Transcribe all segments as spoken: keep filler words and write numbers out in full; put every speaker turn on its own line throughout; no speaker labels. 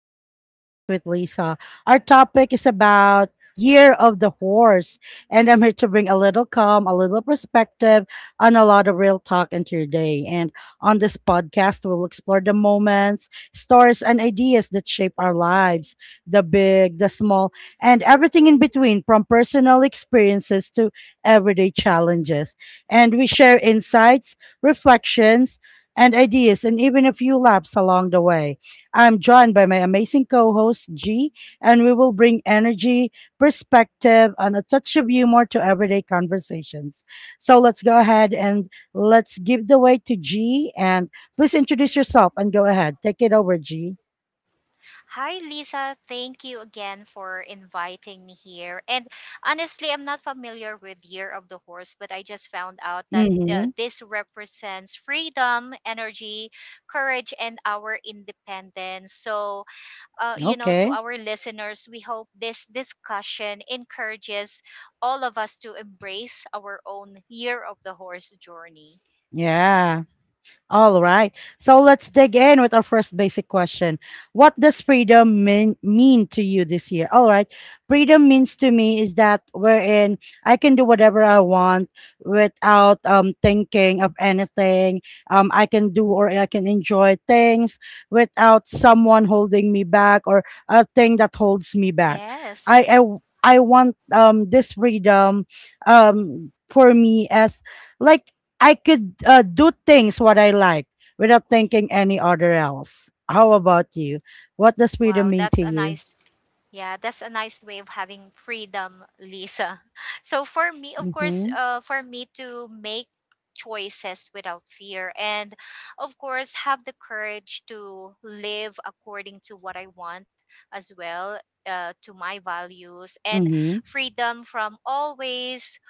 Reflections with Lisa. Our topic is about Year of the Horse, and I'm here to bring a little calm, a little perspective, and a lot of real talk into your day. And on this podcast, we'll explore the moments, stories, and ideas that shape our lives, the big, the small, and everything in between, from personal experiences to everyday challenges. And we share insights, reflections, and ideas, and even a few laps along the way. I'm joined by my amazing co host, G, and we will bring energy, perspective, and a touch of humor to everyday conversations. So let's go ahead and let's give the way to G. And please introduce yourself and go ahead. Take it over, G.
Hi, Lisa. Thank you again for inviting me here. And honestly, I'm not familiar with Year of the Horse, but I just found out that uh,
Mm-hmm.
this represents freedom, energy, courage, and our independence. So, uh, you know, to
Okay.
our listeners, we hope this discussion encourages all of us to embrace our own Year of the Horse journey.
Yeah. All right. So let's dig in with our first basic question. What does freedom mean, mean to you this year? All right. Freedom means to me is that wherein I can do whatever I want without um, thinking of anything. Um, I can do or I can enjoy things without someone holding me back or a thing that holds me back.
Yes.
I, I, I want um, this freedom um, for me as like I could uh, do things what I like without thinking any other else. How about you? What does freedom
Wow,
mean to
that's a
you?
nice Yeah, that's a nice way of having freedom, Lisa. So for me, of course,
Mm-hmm.
uh, for me to make choices without fear and of course have the courage to live according to what I want as well. Uh, to my values and
Mm-hmm.
freedom from always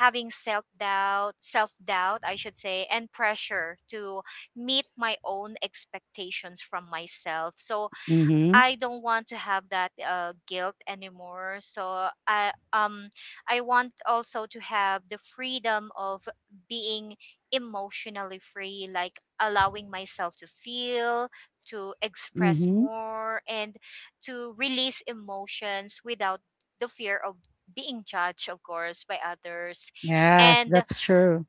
having self doubt, self doubt, I should say, and pressure to meet my own expectations from myself. So,
Mm-hmm.
I don't want to have that uh, guilt anymore. So I um I want also to have the freedom of being emotionally free, like allowing myself to feel, to express
Mm-hmm.
more, and to release emotions without the fear of being judged, of course, by others.
Yes,
And
that's true.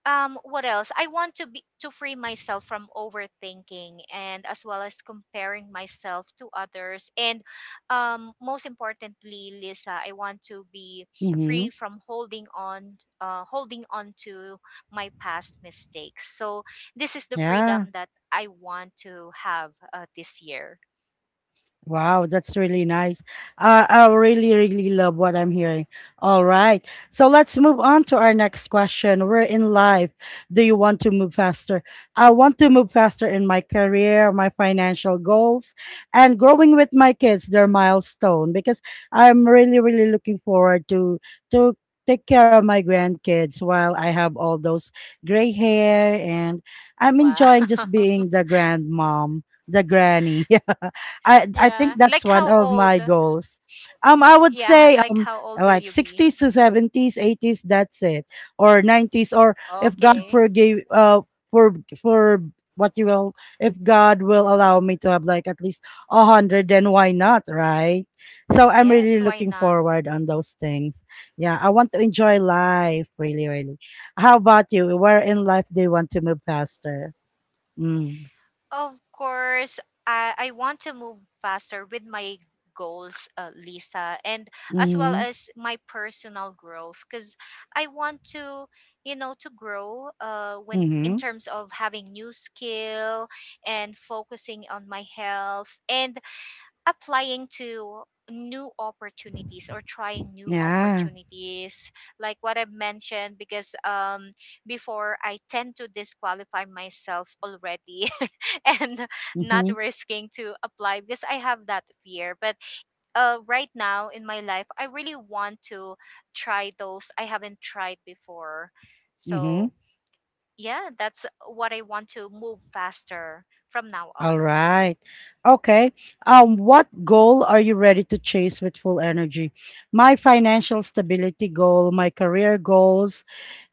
um what else I want to be to free myself from overthinking and as well as comparing myself to others, and um most importantly, Lisa, I want to be free
Mm-hmm.
from holding on uh holding on to my past mistakes. So this is the
Yeah.
freedom that I want to have uh, this year.
Wow, that's really nice. Uh, I really, really love what I'm hearing. All right. So let's move on to our next question. We're in life. Do you want to move faster? I want to move faster in my career, my financial goals, and growing with my kids, their milestone, because I'm really, really looking forward to to take care of my grandkids while I have all those gray hair and I'm
Wow.
enjoying just being the grandmom, the granny. I I
Yeah,
think
like
that's
how
one of
old
my goals. Um, I would
yeah
say
like
um
how old will you
like
be?
sixties to seventies, eighties. That's it, or nineties, or if God
Okay.
forgave uh for for what you will, if God will allow me to have like at least a hundred, then why not, right? So I'm
Yes,
really
why
looking
not?
forward on those things. Yeah, I want to enjoy life, really, really. How about you? Where in life do you want to move faster? Mm.
Of course, I, I want to move faster with my goals, uh, Lisa, and as well
Mm-hmm.
as my personal growth, because I want to, you know, to grow uh, when in
Mm-hmm.
terms of having new skill and focusing on my health and applying to new opportunities or trying new
Yeah.
opportunities like what I've mentioned, because um before I tend to disqualify myself already and not
Mm-hmm.
risking to apply because I have that fear. But uh, right now in my life, I really want to try those I haven't tried before.
Mm-hmm.
So, yeah, that's what I want to move faster from now
All
on.
right. Okay. Um, what goal are you ready to chase with full energy? My financial stability goal, my career goals,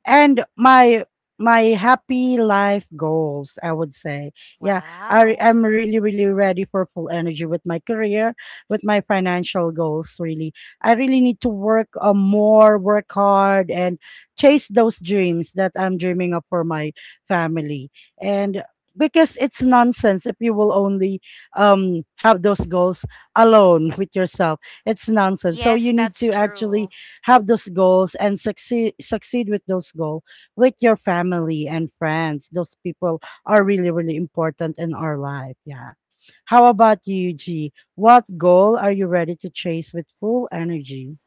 and my my happy life goals, I would say. Yeah, I
Wow.
am really, really ready for full energy with my career, with my financial goals. Really, I really need to work uh, more, work hard and chase those dreams that I'm dreaming of for my family, and because it's nonsense if you will only um have those goals alone with yourself. It's nonsense, so
Yes,
you need
that's
to actually
true.
have those goals and succeed succeed with those goals with your family and friends. Those people are really, really important in our life. Yeah. How about you, G? What goal are you ready to chase with full energy?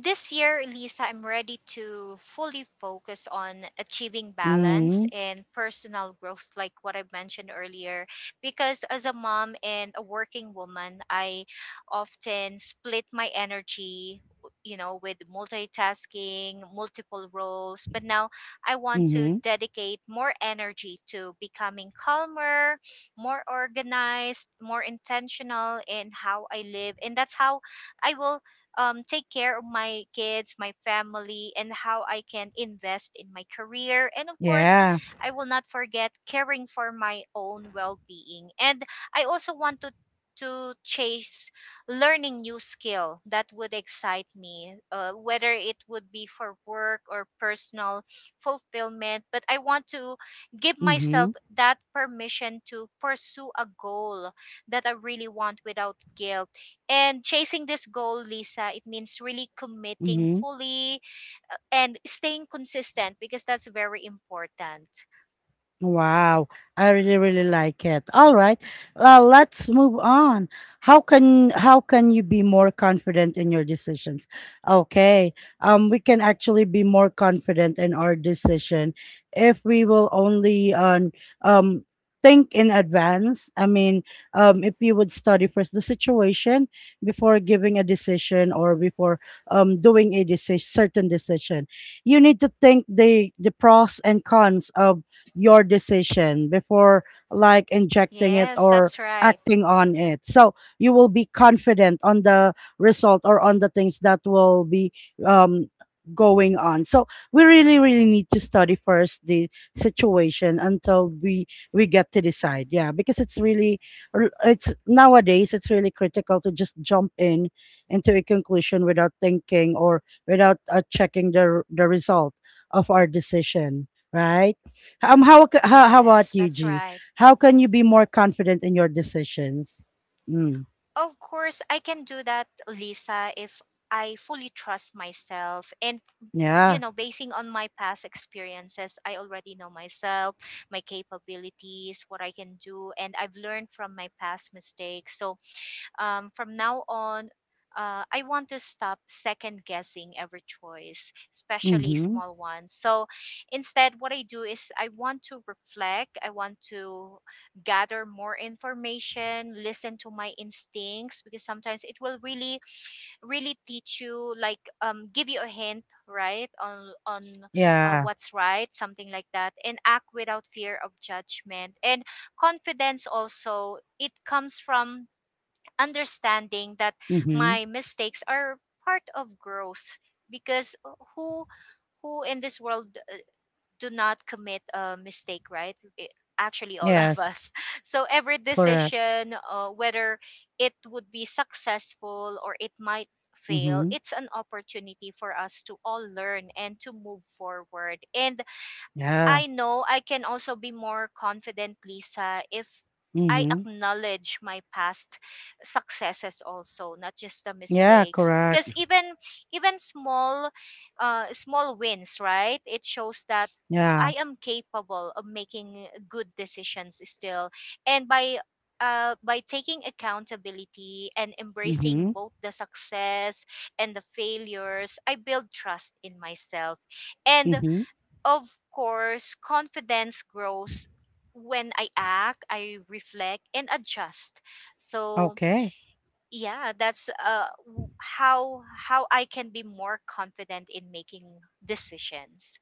This year, Lisa, I'm ready to fully focus on achieving balance
Mm-hmm.
and personal growth, like what I mentioned earlier. Because as a mom and a working woman, I often split my energy, you know, with multitasking, multiple roles. But now I want to
Mm-hmm.
dedicate more energy to becoming calmer, more organized, more intentional in how I live. And that's how I will um, take care of my kids, my family, and how I can invest in my career. And of course,
Yeah.
I will not forget caring for my own well being. And I also want to to chase learning new skill that would excite me, uh, whether it would be for work or personal fulfillment. But I want to give myself
Mm-hmm.
that permission to pursue a goal that I really want without guilt. And chasing this goal, Lisa, it means really committing
Mm-hmm.
fully uh, and staying consistent, because that's very important.
Wow, I really really like it. All right, uh, let's move on. How can how can you be more confident in your decisions? Okay, um we can actually be more confident in our decision if we will only um, um think in advance. I mean, um, if you would study first the situation before giving a decision or before um doing a decision, certain decision, you need to think the the pros and cons of your decision before like injecting it
Yes,
or
that's right.
acting on it. So you will be confident on the result or on the things that will be um going on. So we really, really need to study first the situation until we we get to decide. Yeah, because it's really r- it's nowadays it's really critical to just jump in into a conclusion without thinking or without uh, checking the r- the result of our decision, right? Um, how, ca- how how
Yes,
about you,
that's
G?
right.
How can you be more confident in your decisions? Mm,
Of course, I can do that, Lisa, if I fully trust myself. And you
yeah.
know, basing on my past experiences, I already know myself, my capabilities, what I can do, and I've learned from my past mistakes. So, um, from now on, uh, I want to stop second guessing every choice, especially
Mm-hmm.
small ones. So instead, what I do is I want to reflect, I want to gather more information, listen to my instincts, because sometimes it will really, really teach you, like, um, give you a hint, right, on, on uh,
Yeah.
what's right, something like that, and act without fear of judgment. And confidence also, it comes from understanding that
Mm-hmm.
my mistakes are part of growth, because uh, who who in this world do not commit a mistake, right? I- actually, all of us.
Yes.
So every
Correct.
decision, uh, whether it would be successful or it might fail,
Mm-hmm.
it's an opportunity for us to all learn and to move forward. And
Yeah.
I know I can also be more confident, Lisa, if I
Mm-hmm.
acknowledge my past successes also, not just the
Yeah.
mistakes.
Correct.
Because even even small uh, small wins, right? It shows that
Yeah.
I am capable of making good decisions still, and by uh, by taking accountability and embracing
Mm-hmm.
both the success and the failures, I build trust in myself. And
Mm-hmm.
of course, confidence grows when I act, I reflect and adjust. So,
Okay.
yeah, that's uh, w- how how I can be more confident in making decisions.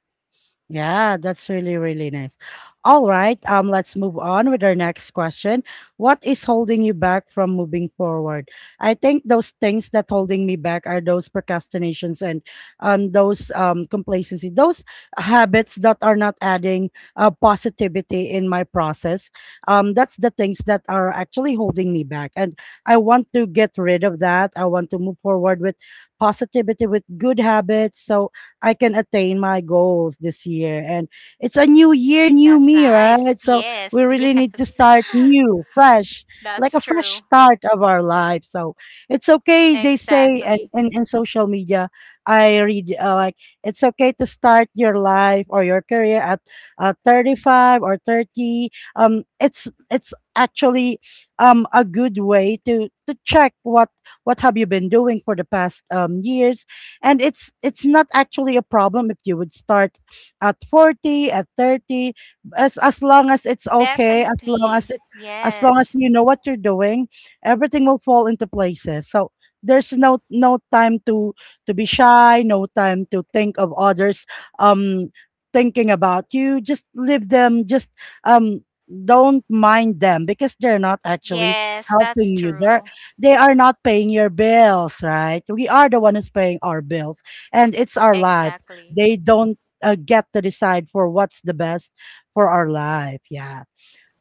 Yeah, that's really, really nice. All right, um, let's move on with our next question. What is holding you back from moving forward? I think those things that holding me back are those procrastinations and um those um complacency, those habits that are not adding uh, positivity in my process. Um, that's the things that are actually holding me back, and I want to get rid of that. I want to move forward with positivity, with good habits, so I can attain my goals this year. And it's a new year, new
That's
me,
nice.
right? So
Yes,
we really need to
yes.
start new, fresh,
That's
like a
true.
fresh start of our life. So it's okay, they say, and
Exactly.
in, in social media, I read uh, like it's okay to start your life or your career at uh, thirty-five or thirty. Um, it's it's actually um a good way to to check what what have you been doing for the past um years, and it's it's not actually a problem if you would start at forty at thirty, as as long as it's okay, as long
Definitely.
as it, as long as
Yes.
you know what you're doing, everything will fall into places. So there's no no time to to be shy, no time to think of others um thinking about you. Just leave them, just um don't mind them, because they're not actually
Yes,
helping
that's
you. They're,
true.
they are not paying your bills, right? We are the one who's paying our bills, and it's our life.
Exactly.
They don't uh, get to decide for what's the best for our life. Yeah.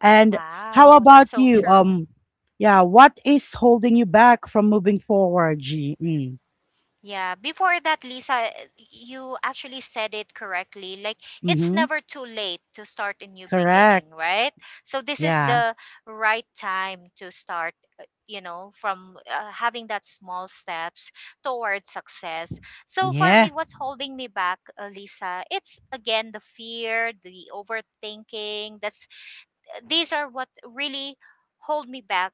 And how
Wow,
about
that's so
you?
true.
Um, yeah. What is holding you back from moving forward, G? Mm.
Yeah, before that, Lisa, you actually said it correctly. Like, it's
Mm-hmm.
never too late to start a new beginning,
Correct.
right? So, this is
Yeah.
the right time to start, uh, you know, from uh, having that small steps towards success. So, for
Yeah.
me, what's holding me back, uh, Lisa, it's again the fear, the overthinking. That's These are what really hold me back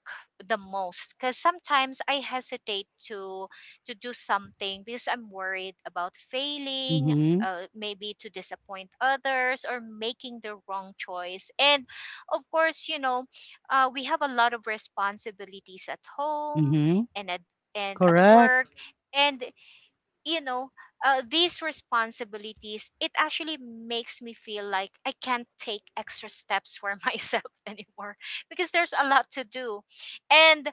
the most, because sometimes I hesitate to to do something because I'm worried about failing,
Mm-hmm.
uh, maybe to disappoint others or making the wrong choice. And of course, you know uh, we have a lot of responsibilities at home
Mm-hmm.
and at and at work.
Correct.
And you know, uh, these responsibilities, it actually makes me feel like I can't take extra steps for myself anymore because there's a lot to do. And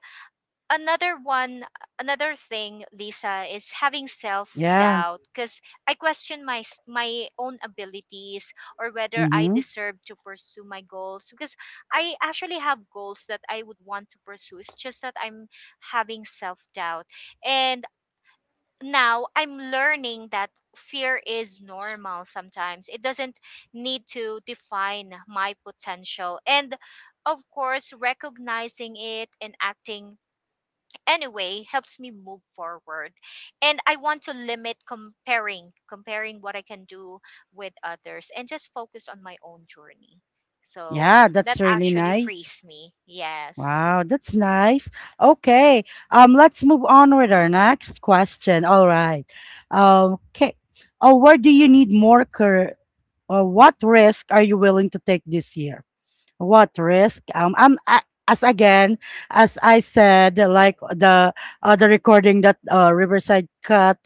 another one, another thing, Lisa, is having self
Yeah.
doubt, because I question my s- my own abilities or whether I
Mm-hmm.
deserve to pursue my goals, because I actually have goals that I would want to pursue. It's just that I'm having self doubt. And now I'm learning that fear is normal sometimes. It doesn't need to define my potential. And of course, recognizing it and acting anyway helps me move forward. And I want to limit comparing, comparing what I can do with others and just focus on my own journey. So
Yeah.
that
That's really
actually
nice.
frees me. Yes.
Wow, that's nice. Okay, um, let's move on with our next question. All right. Um, okay. Oh, where do you need more cur- uh, what risk are you willing to take this year? What risk? Um, I'm I, as again as I said, like the other recording that uh, Riverside cut.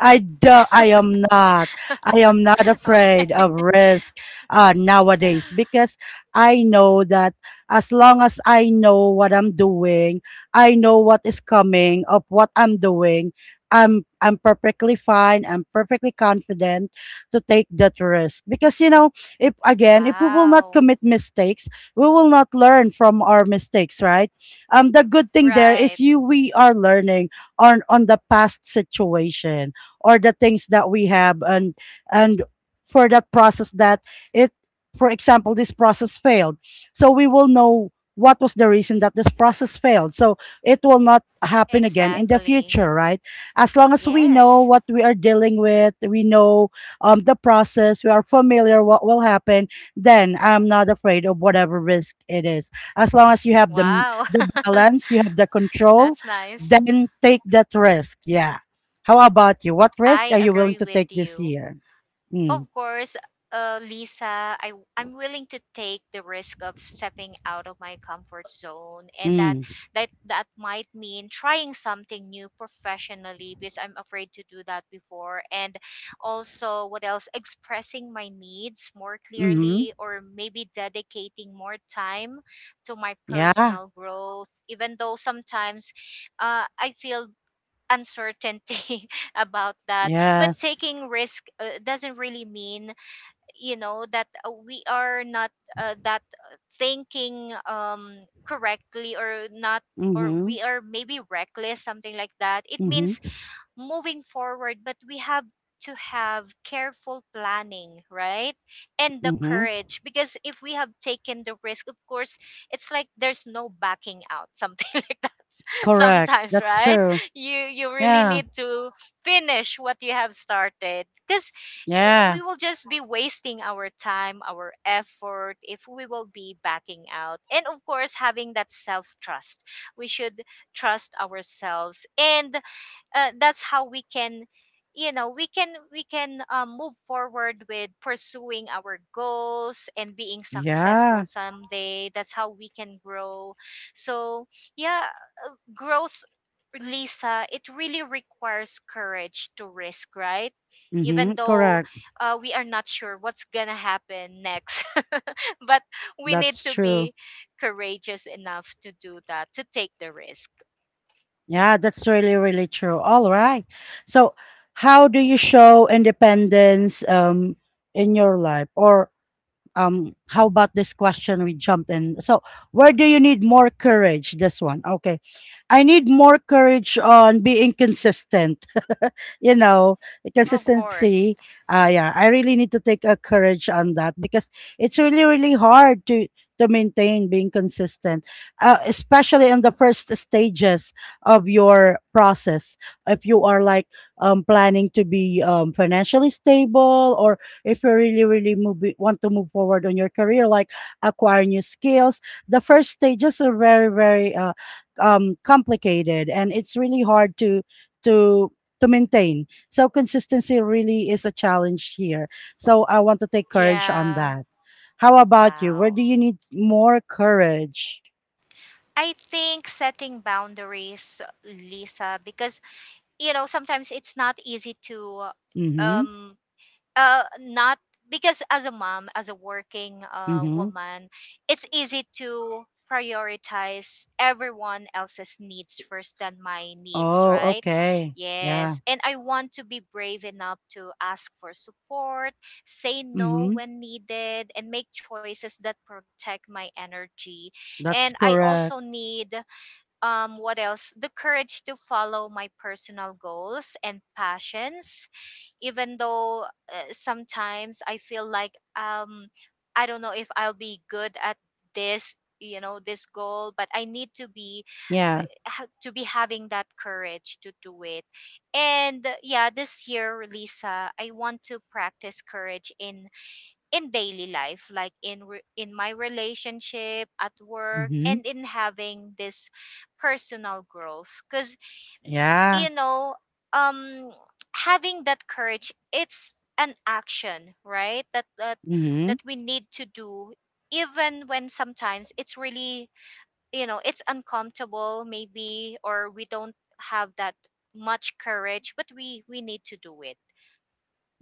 I do, I am not. I am not
Okay.
afraid of risk uh, nowadays because I know that as long as I know what I'm doing, I know what is coming of what I'm doing. I'm I'm perfectly fine. I'm perfectly confident to take that risk, because you know, if again if we will not
Wow.
commit mistakes, we will not learn from our mistakes, right? Um, the good thing there is
Right.
you we are learning on on the past situation or the things that we have, and and for that process that it, for example this process failed, so we will know what was the reason that this process failed, so it will not happen again in the
Exactly.
future, right? As long as we know
Yes.
what we are dealing with, we know um, the process, we are familiar what will happen, then I'm not afraid of whatever risk it is. As long as you have the
Wow.
the balance, you have the control,
That's nice.
then take that risk. Yeah. How about you? What risk
I
are you willing
agree
to
with
take this
you.
year? Mm,
Of course, uh, Lisa, I, I'm willing to take the risk of stepping out of my comfort zone, and that
mm,
that that might mean trying something new professionally, because I'm afraid to do that before. And also, what else? Expressing my needs more
mm-hmm.
clearly, or maybe dedicating more time to my
Yeah.
personal growth. Even though sometimes uh, I feel uncertainty about that. But
Yes.
taking risk uh, doesn't really mean, you know that uh, we are not, uh, that uh, thinking um correctly or not, or
Mm-hmm.
we are maybe reckless, something like that. It means
Mm-hmm.
moving forward, but we have to have careful planning, right? And the
Mm-hmm.
courage, because if we have taken the risk, of course, it's like there's no backing out something like that
Correct.
sometimes,
That's
right?
true.
You you really
Yeah.
need to finish what you have started, because
Yeah.
we will just be wasting our time, our effort if we will be backing out. And of course, having that self trust, we should trust ourselves. And uh, that's how we can, you know we can we can um, move forward with pursuing our goals and being successful
Yeah.
someday. That's how we can grow. So yeah, growth, Lisa, it really requires courage to risk, right?
Mm-hmm.
Even though
Correct.
uh, we are not sure what's gonna happen next, but we need
That's
to
true.
be courageous enough to do that, to take the risk.
Yeah, that's really, really true. All right. So how do you show independence um in your life? Or um how about this question we jumped in. So where do you need more courage? This one, okay. I need more courage on being consistent, you know,
Of course.
consistency. Uh, yeah, I really need to take a courage on that, because it's really, really hard to to maintain being consistent, uh, especially in the first stages of your process. If you are like um, planning to be um, financially stable, or if you really, really move, want to move forward on your career, like acquire new skills, the first stages are very, very uh, um, complicated, and it's really hard to to to maintain. So consistency really is a challenge here. So I want to take courage on
Yeah.
that. How about you? Where
Wow.
do you need more courage?
I think setting boundaries, Lisa, because you know sometimes it's not easy to
Mm-hmm.
um uh not, because as a mom, as a working uh
Mm-hmm.
woman, it's easy to prioritize everyone else's needs first than my needs,
Oh,
right?
okay. Yeah.
Yes, and I want to be brave enough to ask for support, say no
Mm-hmm.
when needed, and make choices that protect my energy. And
That's
I also
correct.
need um what else, the courage to follow my personal goals and passions, even though uh, sometimes I feel like, um I don't know if I'll be good at this, you know this goal. But I need to be
Yeah.
ha- to be having that courage to do it. And uh, yeah, this year, Lisa, I want to practice courage in in daily life like in re- in my relationship, at work,
Mm-hmm.
and in having this personal growth, cuz you
Yeah.
know, um, having that courage, it's an action, right? That that
Mm-hmm.
that we need to do, even when sometimes it's really, you know, it's uncomfortable, maybe, or we don't have that much courage, but we we need to do it.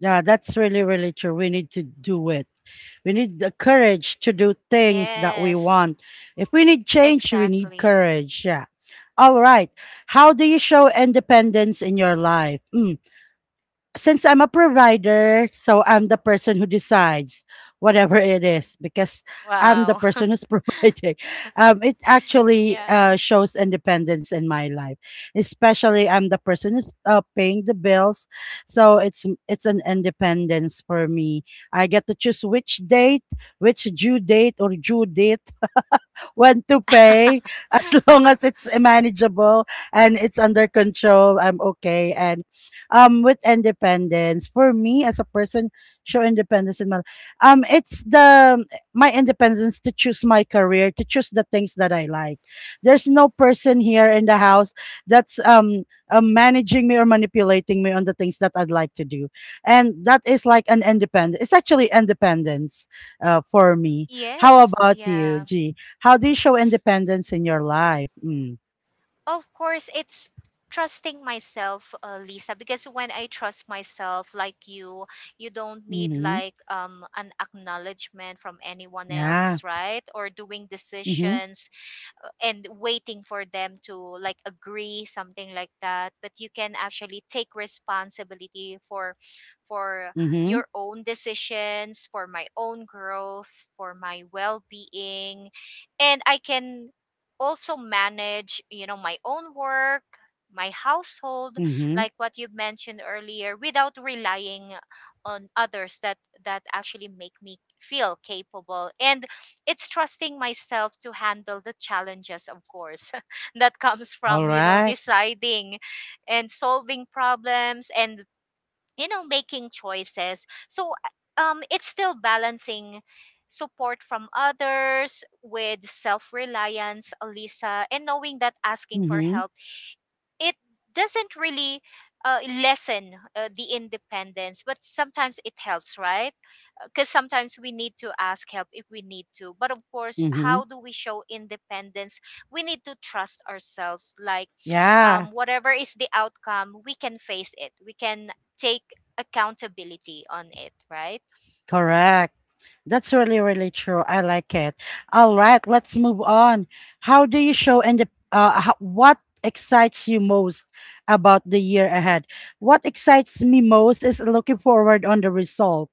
Yeah, that's really, really true. We need to do it. We need the courage to do things that we
Yes,
want. If we need change, we need
exactly.
courage. Yeah. All right. How do you show independence in your life? Mm, since I'm a provider, so I'm the person who decides whatever it is, because I'm the
Wow.
person who's providing. Um, it actually uh,
Yeah.
shows independence in my life, especially I'm the person who's uh, paying the bills, so it's it's an independence for me. I get to choose which date, which due date or due date when to pay. As long as it's manageable and it's under control, I'm okay. And um, with independence, for me as a person, show independence in my um, it's the my independence to choose my career, to choose the things that I like. There's no person here in the house that's um. Uh, managing me or manipulating me on the things that I'd like to do. And that is like an independent, it's actually independence uh, for me. How
Yes.
about you,
Yeah.
G? How do you show independence in your life? Mm.
Of course, it's trusting myself, uh, Lisa, because when I trust myself, like you, you don't need
Mhm.
like um an acknowledgement from anyone
Yeah.
else, right? Or doing
Mhm.
decisions uh, and waiting for them to like agree something like that, but you can actually take responsibility for for
Mhm.
your own decisions, for my own growth, for my well-being. And I can also manage, you know, my own work, my household,
Mhm.
like what you mentioned earlier, without relying on others. That that actually make me feel capable, and it's trusting myself to handle the challenges, of course, that comes
All
from, you know,
right.
deciding and solving problems and, you know, making choices. So um it's still balancing support from others with self-reliance, Alisa, and knowing that asking for
Mhm.
help, it doesn't really uh, lessen uh, the independence, but sometimes it helps, right? Because sometimes we need to ask help if we need to. But of course,
Mhm.
how do we show independence? We need to trust ourselves. Like,
Yeah.
um, whatever is the outcome, we can face it, we can take accountability on it, right?
Correct. That's really, really true. I like it. All right, let's move on. How do you show and the, uh, how, What excites you most about the year ahead? What excites me most is looking forward on the result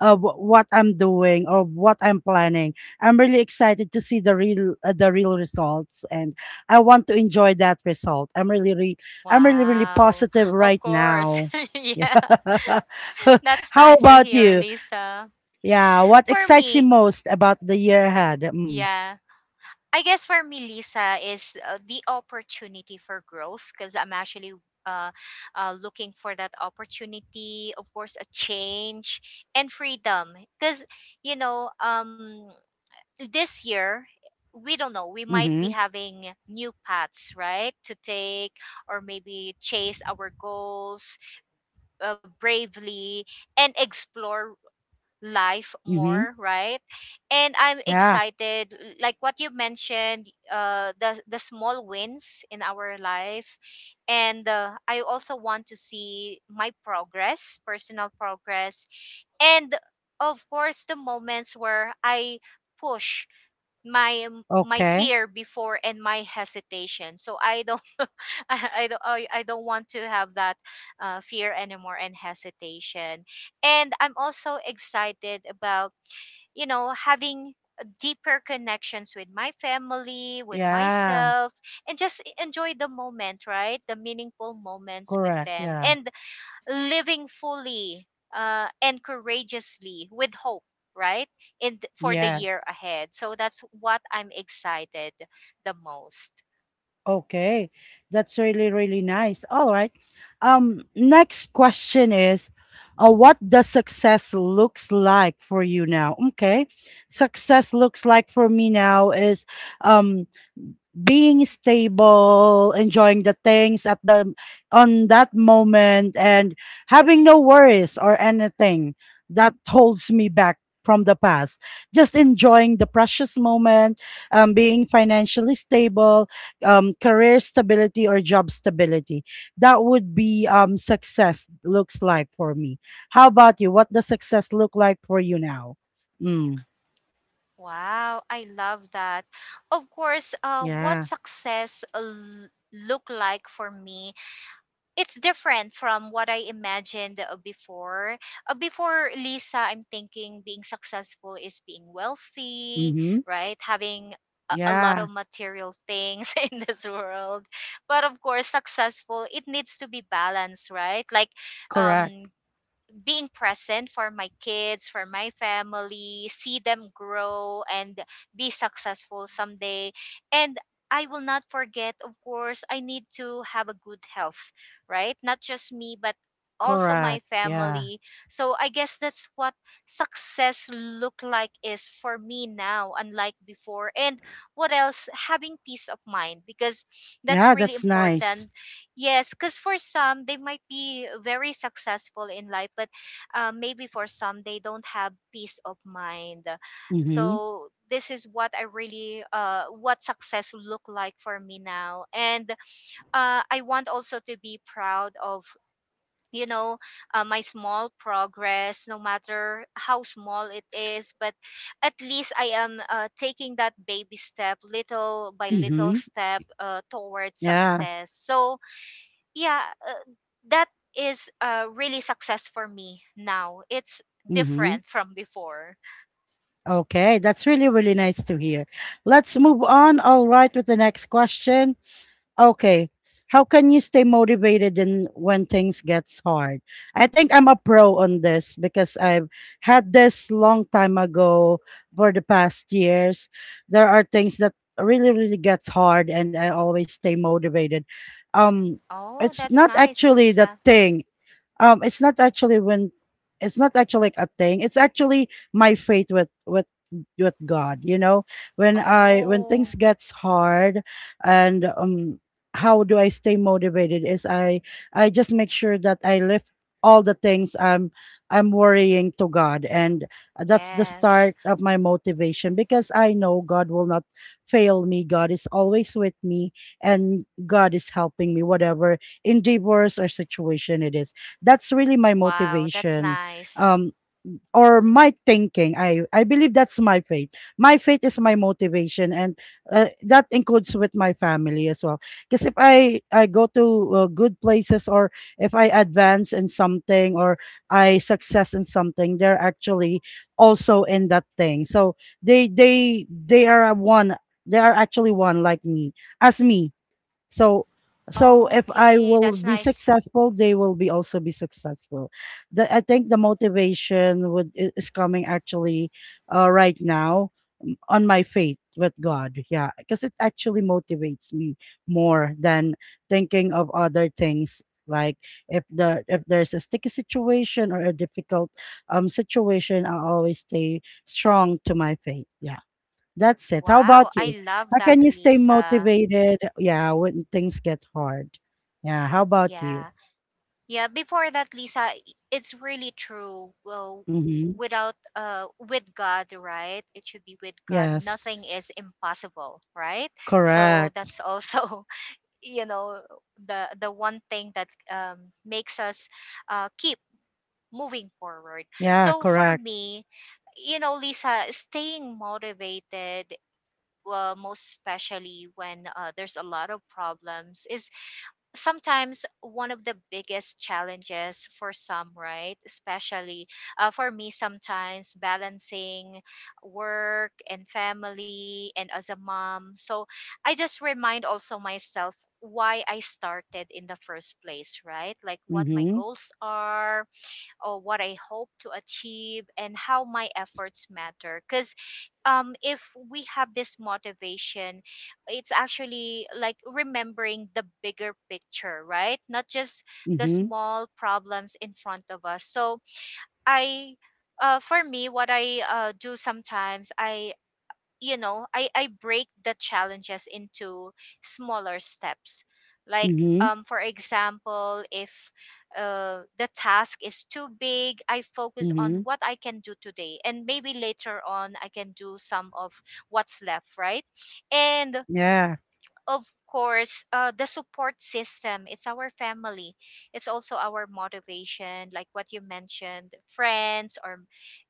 of what I'm doing or what I'm planning. I'm really excited to see the real, uh, the real results, and I want to enjoy that result. I'm really, re- I'm really, really
Wow,
positive
of
right
course.
now. Yeah.
Yeah, that's
How
nice to
about
hear,
you?
Lisa.
Yeah, what
For
excites you
me,
most about the year ahead? Mm.
yeah. I guess for me, Lisa, is uh, the opportunity for growth, because I'm actually uh, uh, looking for that opportunity, of course, a change and freedom. Because, you know, um, this year, we don't know, we might be
Mm-hmm.
having new paths, right, to take, or maybe chase our goals uh, bravely and explore life
Mm-hmm.
more, right? And I'm
Yeah.
excited, like what you mentioned, uh the the small wins in our life. And uh, I also want to see my progress, personal progress. And of course, the moments where I push my um, my
Okay.
fear before and my hesitation, so I don't I I don't I, I don't want to have that uh, fear anymore and hesitation. And I'm also excited about, you know, having deeper connections with my family, with
Yeah.
myself, and just e- enjoy the moment, right? The meaningful moments with
Correct.
them,
Yeah.
and living fully uh, and courageously, with hope, right, in th- for the year
Yes.
ahead. So that's what I'm excited the most.
Okay, that's really really nice. All right. Um, next question is, uh, what does success looks like for you now? Okay, success looks like for me now is um being stable, enjoying the things at the on that moment, and having no worries or anything that holds me back from the past. Just enjoying the precious moment, um, being financially stable, um, career stability or job stability. That would be um, success looks like for me. How about you? What does success look like for you now? Mm,
Wow, I love that. Of course, uh, what
yeah.
success uh, l- look like for me, it's different from what I imagined uh, before. Uh, before, Lisa, I'm thinking being successful is being wealthy,
Mm-hmm.
right? Having a, a lot
Yeah.
of material things in this world. But of course, successful, it needs to be balanced, right? Like
Correct.
um, being present for my kids, for my family, see them grow and be successful someday. And I will not forget, of course, I need to have a good health, right? Not just me, but also my
Correct. Yeah.
family. So I guess that's what success look like is for me now, unlike before. And what else? Having peace of mind, because that's
Yeah.
really
That's nice.
important. Yes, because for some, they might be very successful in life, but uh, maybe for some, they don't have peace of mind.
Mm-hmm.
So this is what I really, uh, what success look like for me now. And uh, I want also to be proud of, you know, uh, my small progress, no matter how small it is. But at least I am uh, taking that baby step, little by little
Mm-hmm.
step, uh, towards
Yeah.
success. So yeah, uh, that is a really success for me now. It's
Mm-hmm.
different from before.
Okay. That's really, really nice to hear. Let's move on. All right. With the next question. Okay. How can you stay motivated in when things gets hard? I think I'm a pro on this because I've had this long time ago for the past years. There are things that really really gets hard and I always stay motivated. Um
Oh,
it's
that's
not
nice,
actually the
Lisa.
thing um it's not actually when It's not actually like a thing, it's actually my faith with with with God, you know, when i when things
Oh,
gets hard, and um how do I stay motivated is i i just make sure that I lift all the things i'm i'm worrying to God, and that's the
yes.
start of my motivation because I know God will not fail me. God is always with me and God is helping me whatever endeavors or situation it is. That's really my
Wow, that's
motivation.
nice.
Um or my thinking. I I believe that's my faith. My faith is my motivation and uh, that includes with my family as well. Because if I I go to uh, good places or if I advance in something or I success in something, they're actually also in that thing. So they they they are one they are actually one like me as me, so so if I
Okay,
will
that's
be
nice.
successful, they will be also be successful. The, I think the motivation would i- is coming actually uh, right now m- on my faith with God. Yeah, because it actually motivates me more than thinking of other things, like if the if there's a sticky situation or a difficult um situation, I always stay strong to my faith. Yeah. That's it. How
Wow,
about
I
you?
love
How
that,
can you stay
Lisa.
motivated? Yeah, when things get hard. Yeah. How about you?
Yeah, yeah, before that, Lisa, i- it's really true. Well,
Mm-hmm.
without uh with God, right? It should be with God, nothing
Yes.
is impossible, right? So
Correct.
that's also, you know, the the one thing that um, makes us uh, keep moving forward.
Yeah.
So for
Correct.
me, you know, Lisa, staying motivated, uh, most especially when uh, there's a lot of problems, is sometimes one of the biggest challenges for some, right? Especially uh, for me, sometimes balancing work and family, and as a mom. So I just remind also myself why I started in the first place, right? Like what my
Mm-hmm.
goals are, or what I hope to achieve, and how my efforts matter. Because um, if we have this motivation, it's actually like remembering the bigger picture, right? Not just the
Mm-hmm.
small problems in front of us. So I. Uh, for me, what I uh, do sometimes, I, you know, i i break the challenges into smaller steps, like
Mm-hmm.
um for example, if uh, the task is too big, I focus on
Mm-hmm.
what I can do today, and maybe later on I can do some of what's left, right? And
Yeah.
of course, uh, the support system. It's our family. It's also our motivation, like what you mentioned, friends, or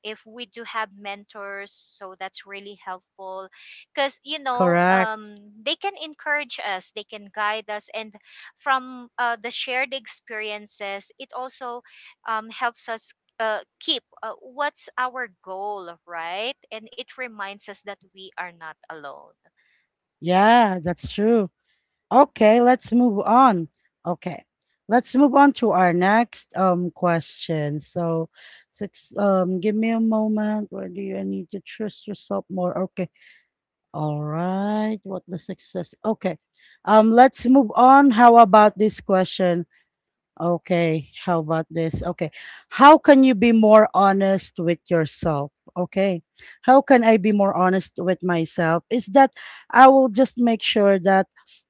if we do have mentors. So that's really helpful, because you know,
Correct.
um, they can encourage us, they can guide us, and from uh, the shared experiences, it also um, helps us. Uh, keep uh, what's our goal, right? And it reminds us that we are not alone.
Yeah. That's true. Okay. Let's move on. Okay. Let's move on to our next um question. So, six. Um, give me a moment. Where do you I need to trust yourself more? Okay. All right. What the success? Okay. Um, let's move on. How about this question? Okay, how about this? Okay. How can you be more honest with yourself? Okay. How can I be more honest with myself? Is that I will just make sure that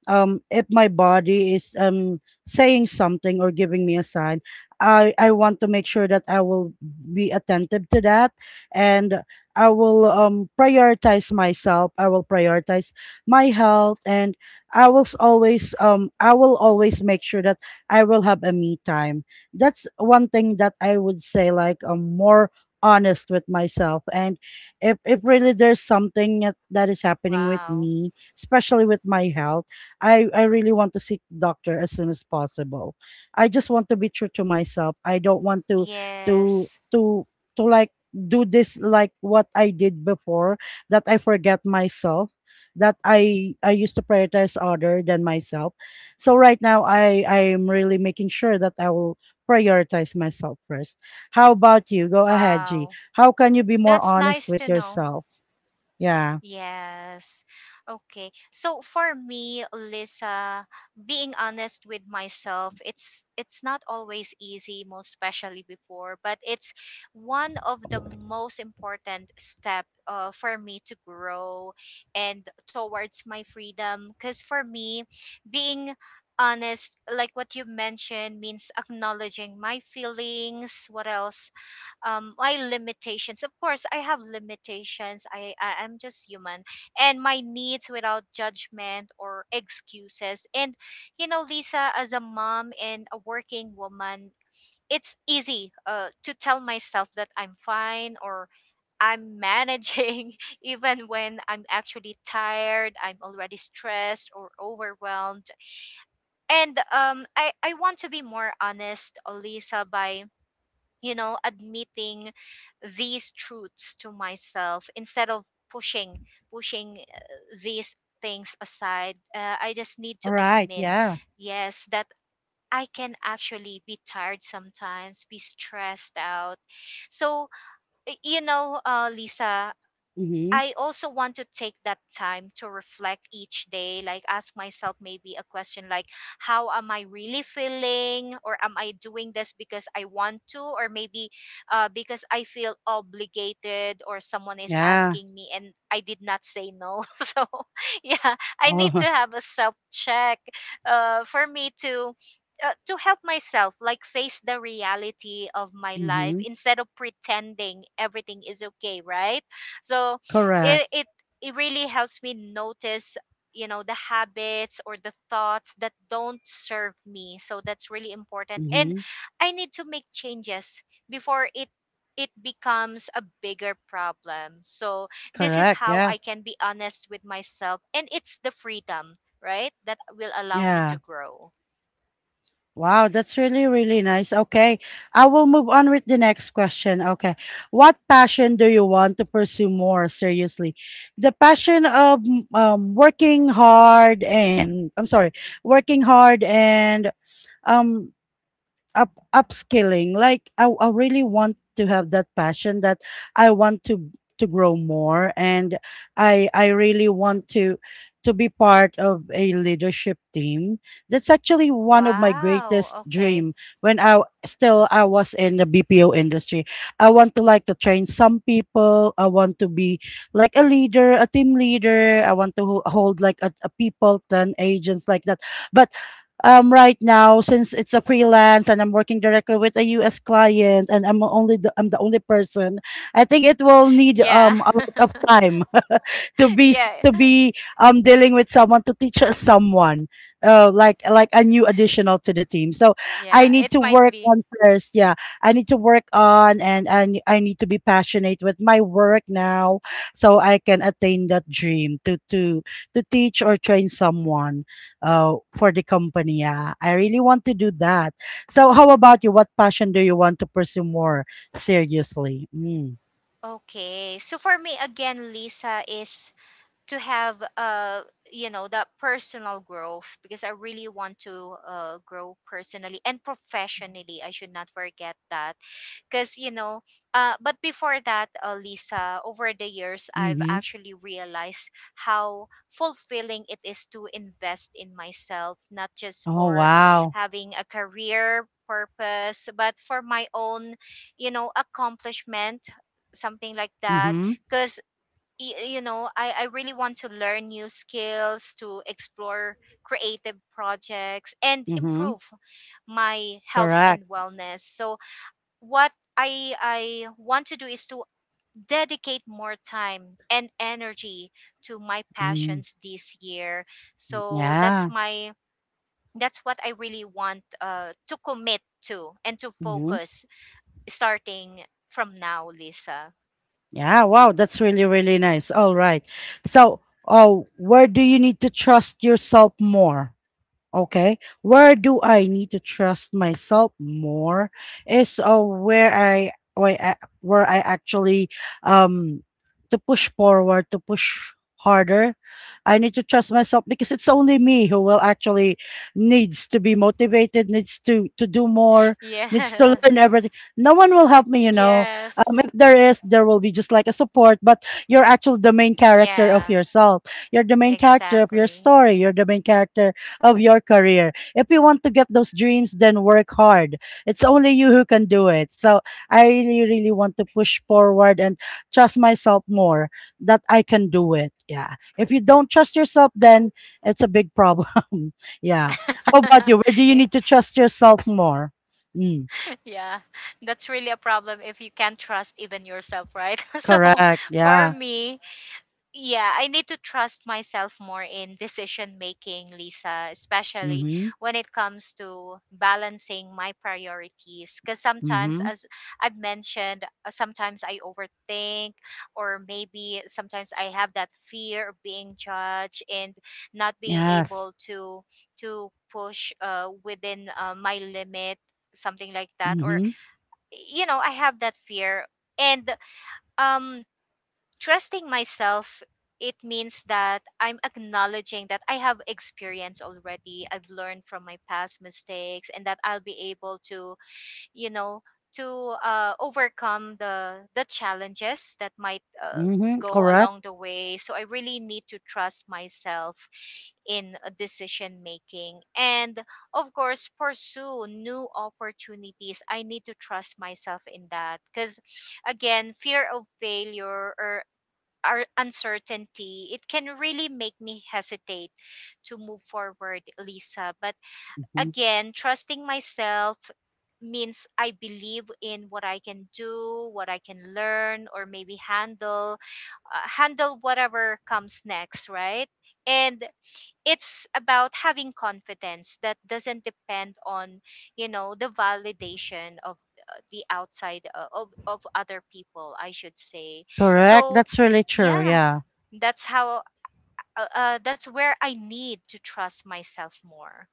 um if my body is um saying something or giving me a sign, I I want to make sure that I will be attentive to that, and I will um prioritize myself. I will prioritize my health, and I will s- always, um I will always make sure that I will have a me time. That's one thing that I would say like I'm more honest with myself, and if if really there's something that that is happening with
Wow.
me, especially with my health, I I really want to seek doctor as soon as possible. I just want to be true to myself. I don't want to to
Yes.
to to like do this like what I did before, that I forget myself, that I I used to prioritize other than myself. So right now, I I'm really making sure that I will prioritize myself first. How about you? Go ahead, G.
Wow,
How can you be more
that's
honest
nice
with
to know.
yourself? Yeah.
Yes. Okay. So for me, Lisa, being honest with myself, it's it's not always easy, most especially before, but it's one of the most important step uh, for me to grow and towards my freedom. Because for me, being honest, like what you mentioned, means acknowledging my feelings, what else, um my limitations. Of course I have limitations, I, I I'm just human. And my needs, without judgment or excuses. And you know, Lisa, as a mom and a working woman, it's easy uh, to tell myself that I'm fine or I'm managing, even when I'm actually tired, I'm already stressed or overwhelmed. And um, I, I want to be more honest, Lisa, by, you know, admitting these truths to myself, instead of pushing pushing uh, these things aside. Uh, I just need
All
to
right.
admit,
Yeah.
yes, that I can actually be tired sometimes, be stressed out. So, y- you know, uh, Lisa,
Mm-hmm.
I also want to take that time to reflect each day, like ask myself maybe a question like, how am I really feeling? Or am I doing this because I want to? Or maybe uh, because I feel obligated, or someone is
Yeah.
asking me and I did not say no. So, yeah, I need
Oh.
to have a self check uh, for me to. Uh, to help myself like face the reality of my life,
Mm-hmm.
instead of pretending everything is okay, right? So
Correct.
it, it it really helps me notice, you know, the habits or the thoughts that don't serve me. So that's really important, and
Mm-hmm.
I need to make changes before it it becomes a bigger problem. So this is
Correct.
how
Yeah.
I can be honest with myself, and it's the freedom, right, that will allow me to
Yeah.
grow.
Wow, that's really, really nice. Okay. I will move on with the next question. Okay. What passion do you want to pursue more seriously? The passion of mm, um, working hard and, I'm sorry, working hard and um, up upskilling, like I, I really want to have that passion that I want to to grow more, and i i really want to to be part of a leadership team. That's actually one of my
Wow,
greatest
okay.
dream. When i w- still I was in the BPO industry, I want to, like, to train some people, I want to be like a leader, a team leader, I want to ho- hold like a, a people turn agents like that, but um right now since it's a freelance and I'm working directly with a U S client and I'm only the, I'm the only person, I think it will need
Yeah.
um a lot of time. To be s-
Yeah,
to be um dealing with someone to teach us someone uh like like a new additional to the team, so I
yeah,
need
it
to
might
work
be.
on first. Yeah, I need to work on, and and I need to be passionate with my work now so I can attain that dream to to to teach or train someone uh, for the company. Yeah, I really want to do that. So, how about you? What passion do you want to pursue more seriously? Mm.
Okay. So for me again, Lisa, is to have uh you know, that personal growth, because I really want to uh grow personally and professionally. I should not forget that. Because you know, uh but before that, uh, Lisa, over the years I've
Mm-hmm.
actually realized how fulfilling it is to invest in myself, not just
Oh,
for
wow.
having a career purpose, but for my own, you know, accomplishment, something like that.
Mm-hmm.
Because y- you know, I, I really want to learn new skills, to explore creative projects, and
Mm-hmm.
improve my health and
Correct.
wellness. So what i i want to do is to dedicate more time and energy to my
Mm.
passions this year. So that's
Yeah.
my, that's what I really want uh, to commit to and to
Mm-hmm.
focus, starting from now, Lisa.
Yeah. Wow. That's really, really nice. All right. So, oh, where do you need to trust yourself more? Okay. Where do I need to trust myself more is uh, where I where I, where I actually um to push forward, to push harder. I need to trust myself because it's only me who will actually needs to be motivated, needs to to do more, needs
Yeah,
to learn everything. No one will help me, you know.
yes,
Um, if there is, there will be just like a support, but you're actually the main character of
yeah.
yourself. You're the main character of your
Exactly.
story. You're the main character of your career. If you want to get those dreams, then work hard. It's only you who can do it. So I really, really want to push forward and trust myself more, that I can do it. Yeah. If you don't trust yourself, then it's a big problem. Yeah. How about you? Where do you
Eh,
need to trust yourself more? Mm,
yeah, that's really a problem if you can't trust even yourself, right? So
correct.
for
Yeah.
me, yeah, I need to trust myself more in decision making, Lisa, especially
Mm-hmm.
when it comes to balancing my priorities. Because sometimes,
Mm-hmm.
as I've mentioned, uh, sometimes I overthink, or maybe sometimes I have that fear of being judged, and not being
Yes.
able to to push uh, within uh, my limit, something like that. Or
Mm-hmm.
you know, I have that fear, and um trusting myself, it means that I'm acknowledging that I have experience already. I've learned from my past mistakes, and that I'll be able to, you know, to uh, overcome the the challenges that might uh,
Mm-hmm.
go
Correct.
along the way. So I really need to trust myself in uh, decision making. And of course, pursue new opportunities. I need to trust myself in that, because again, fear of failure, or our uncertainty, it can really make me hesitate to move forward, Lisa. But
Mm-hmm.
again, trusting myself means I believe in what I can do, what I can learn, or maybe handle, uh, handle whatever comes next, right? And it's about having confidence that doesn't depend on, you know, the validation of uh, the outside uh, of, of other people, I should say.
Correct.
So,
That's really true.
yeah,
Yeah.
that's how, uh, uh, that's where I need to trust myself more.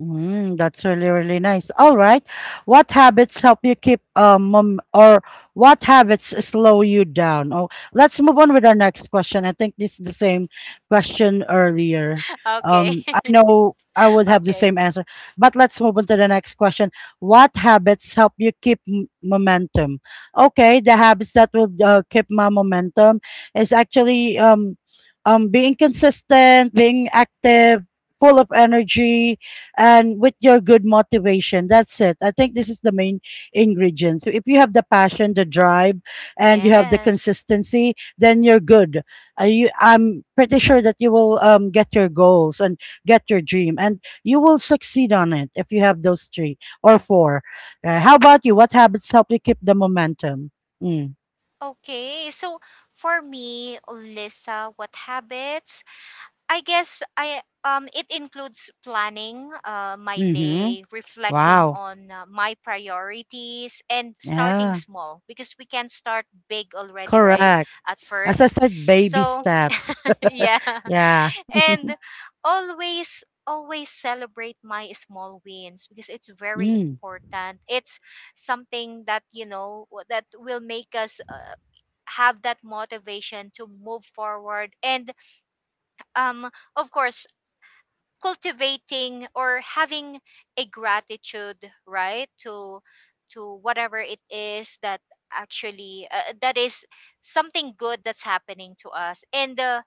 Mm, that's really, really nice. All right. What habits help you keep um mom, or What habits slow you down? Oh, let's move on with our next question. I think this is the same question earlier.
Okay.
Um, I know I would have
Okay.
the same answer, but let's move on to the next question. What habits help you keep m- momentum? Okay, the habits that will uh, keep my momentum is actually um um being consistent, being active, full of energy, and with your good motivation. That's it. I think this is the main ingredient. So if you have the passion, the drive, and you have the
Yes.
consistency, then you're good. Uh, you, I'm pretty sure that you will um, get your goals and get your dream, and you will succeed on it if you have those three or four. Uh, how about you? What habits help you keep the momentum? Mm.
Okay. So for me, Lisa, what habits? I guess I, um it includes planning uh, my
Mm-hmm.
day, reflecting
Wow.
on uh, my priorities, and starting
Yeah.
small, because we can start big already, right?
Correct.
At
As I
first.
said, baby
So
steps.
yeah.
Yeah.
And always always celebrate my small wins because it's very
Mm.
important. It's something that you know w- that will make us uh, have that motivation to move forward. And um of course, cultivating or having a gratitude, right, to to whatever it is that actually uh, that is something good that's happening to us. And uh,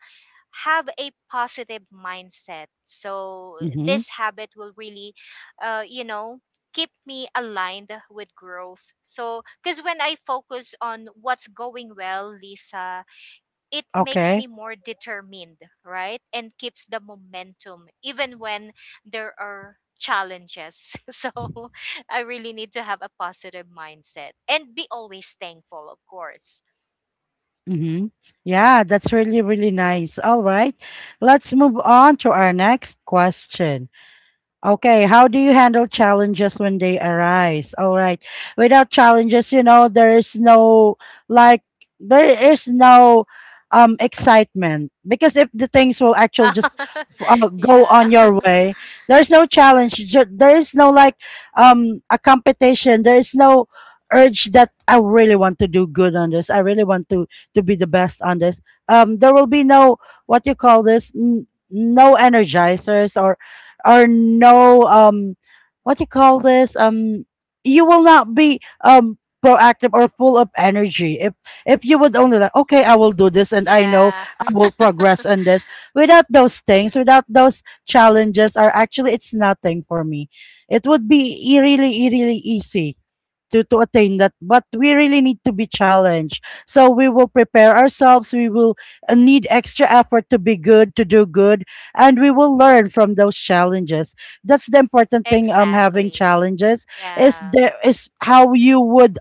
have a positive mindset. So
Mm-hmm.
this habit will really, uh, you know, keep me aligned with growth. So because when I focus on what's going well, Lisa, it makes
Okay.
me more determined, right? And keeps the momentum even when there are challenges. So I really need to have a positive mindset and be always thankful, of course.
Mm-hmm. Yeah, that's really, really nice. All right. Let's move on to our next question. Okay, how do you handle challenges when they arise? All right. Without challenges, you know, there is no like there is no um excitement because if the things will actually just f- uh, go
Yeah.
on your way, there's no challenge. ju- There is no like um a competition. There is no urge that I really want to do good on this. I really want to to be the best on this. Um there will be no what you call this n- no energizers or or no um what you call this um you will not be um proactive or full of energy if if you would only like, okay, I will do this and I know
Yeah.
I will progress on this. Without those things, without those challenges, are actually it's nothing for me. It would be e- really e- really easy to to attain that, but we really need to be challenged so we will prepare ourselves. We will uh, need extra effort to be good, to do good, and we will learn from those challenges. That's the important thing, um having
Exactly.
challenges is
Yeah.
there is how you would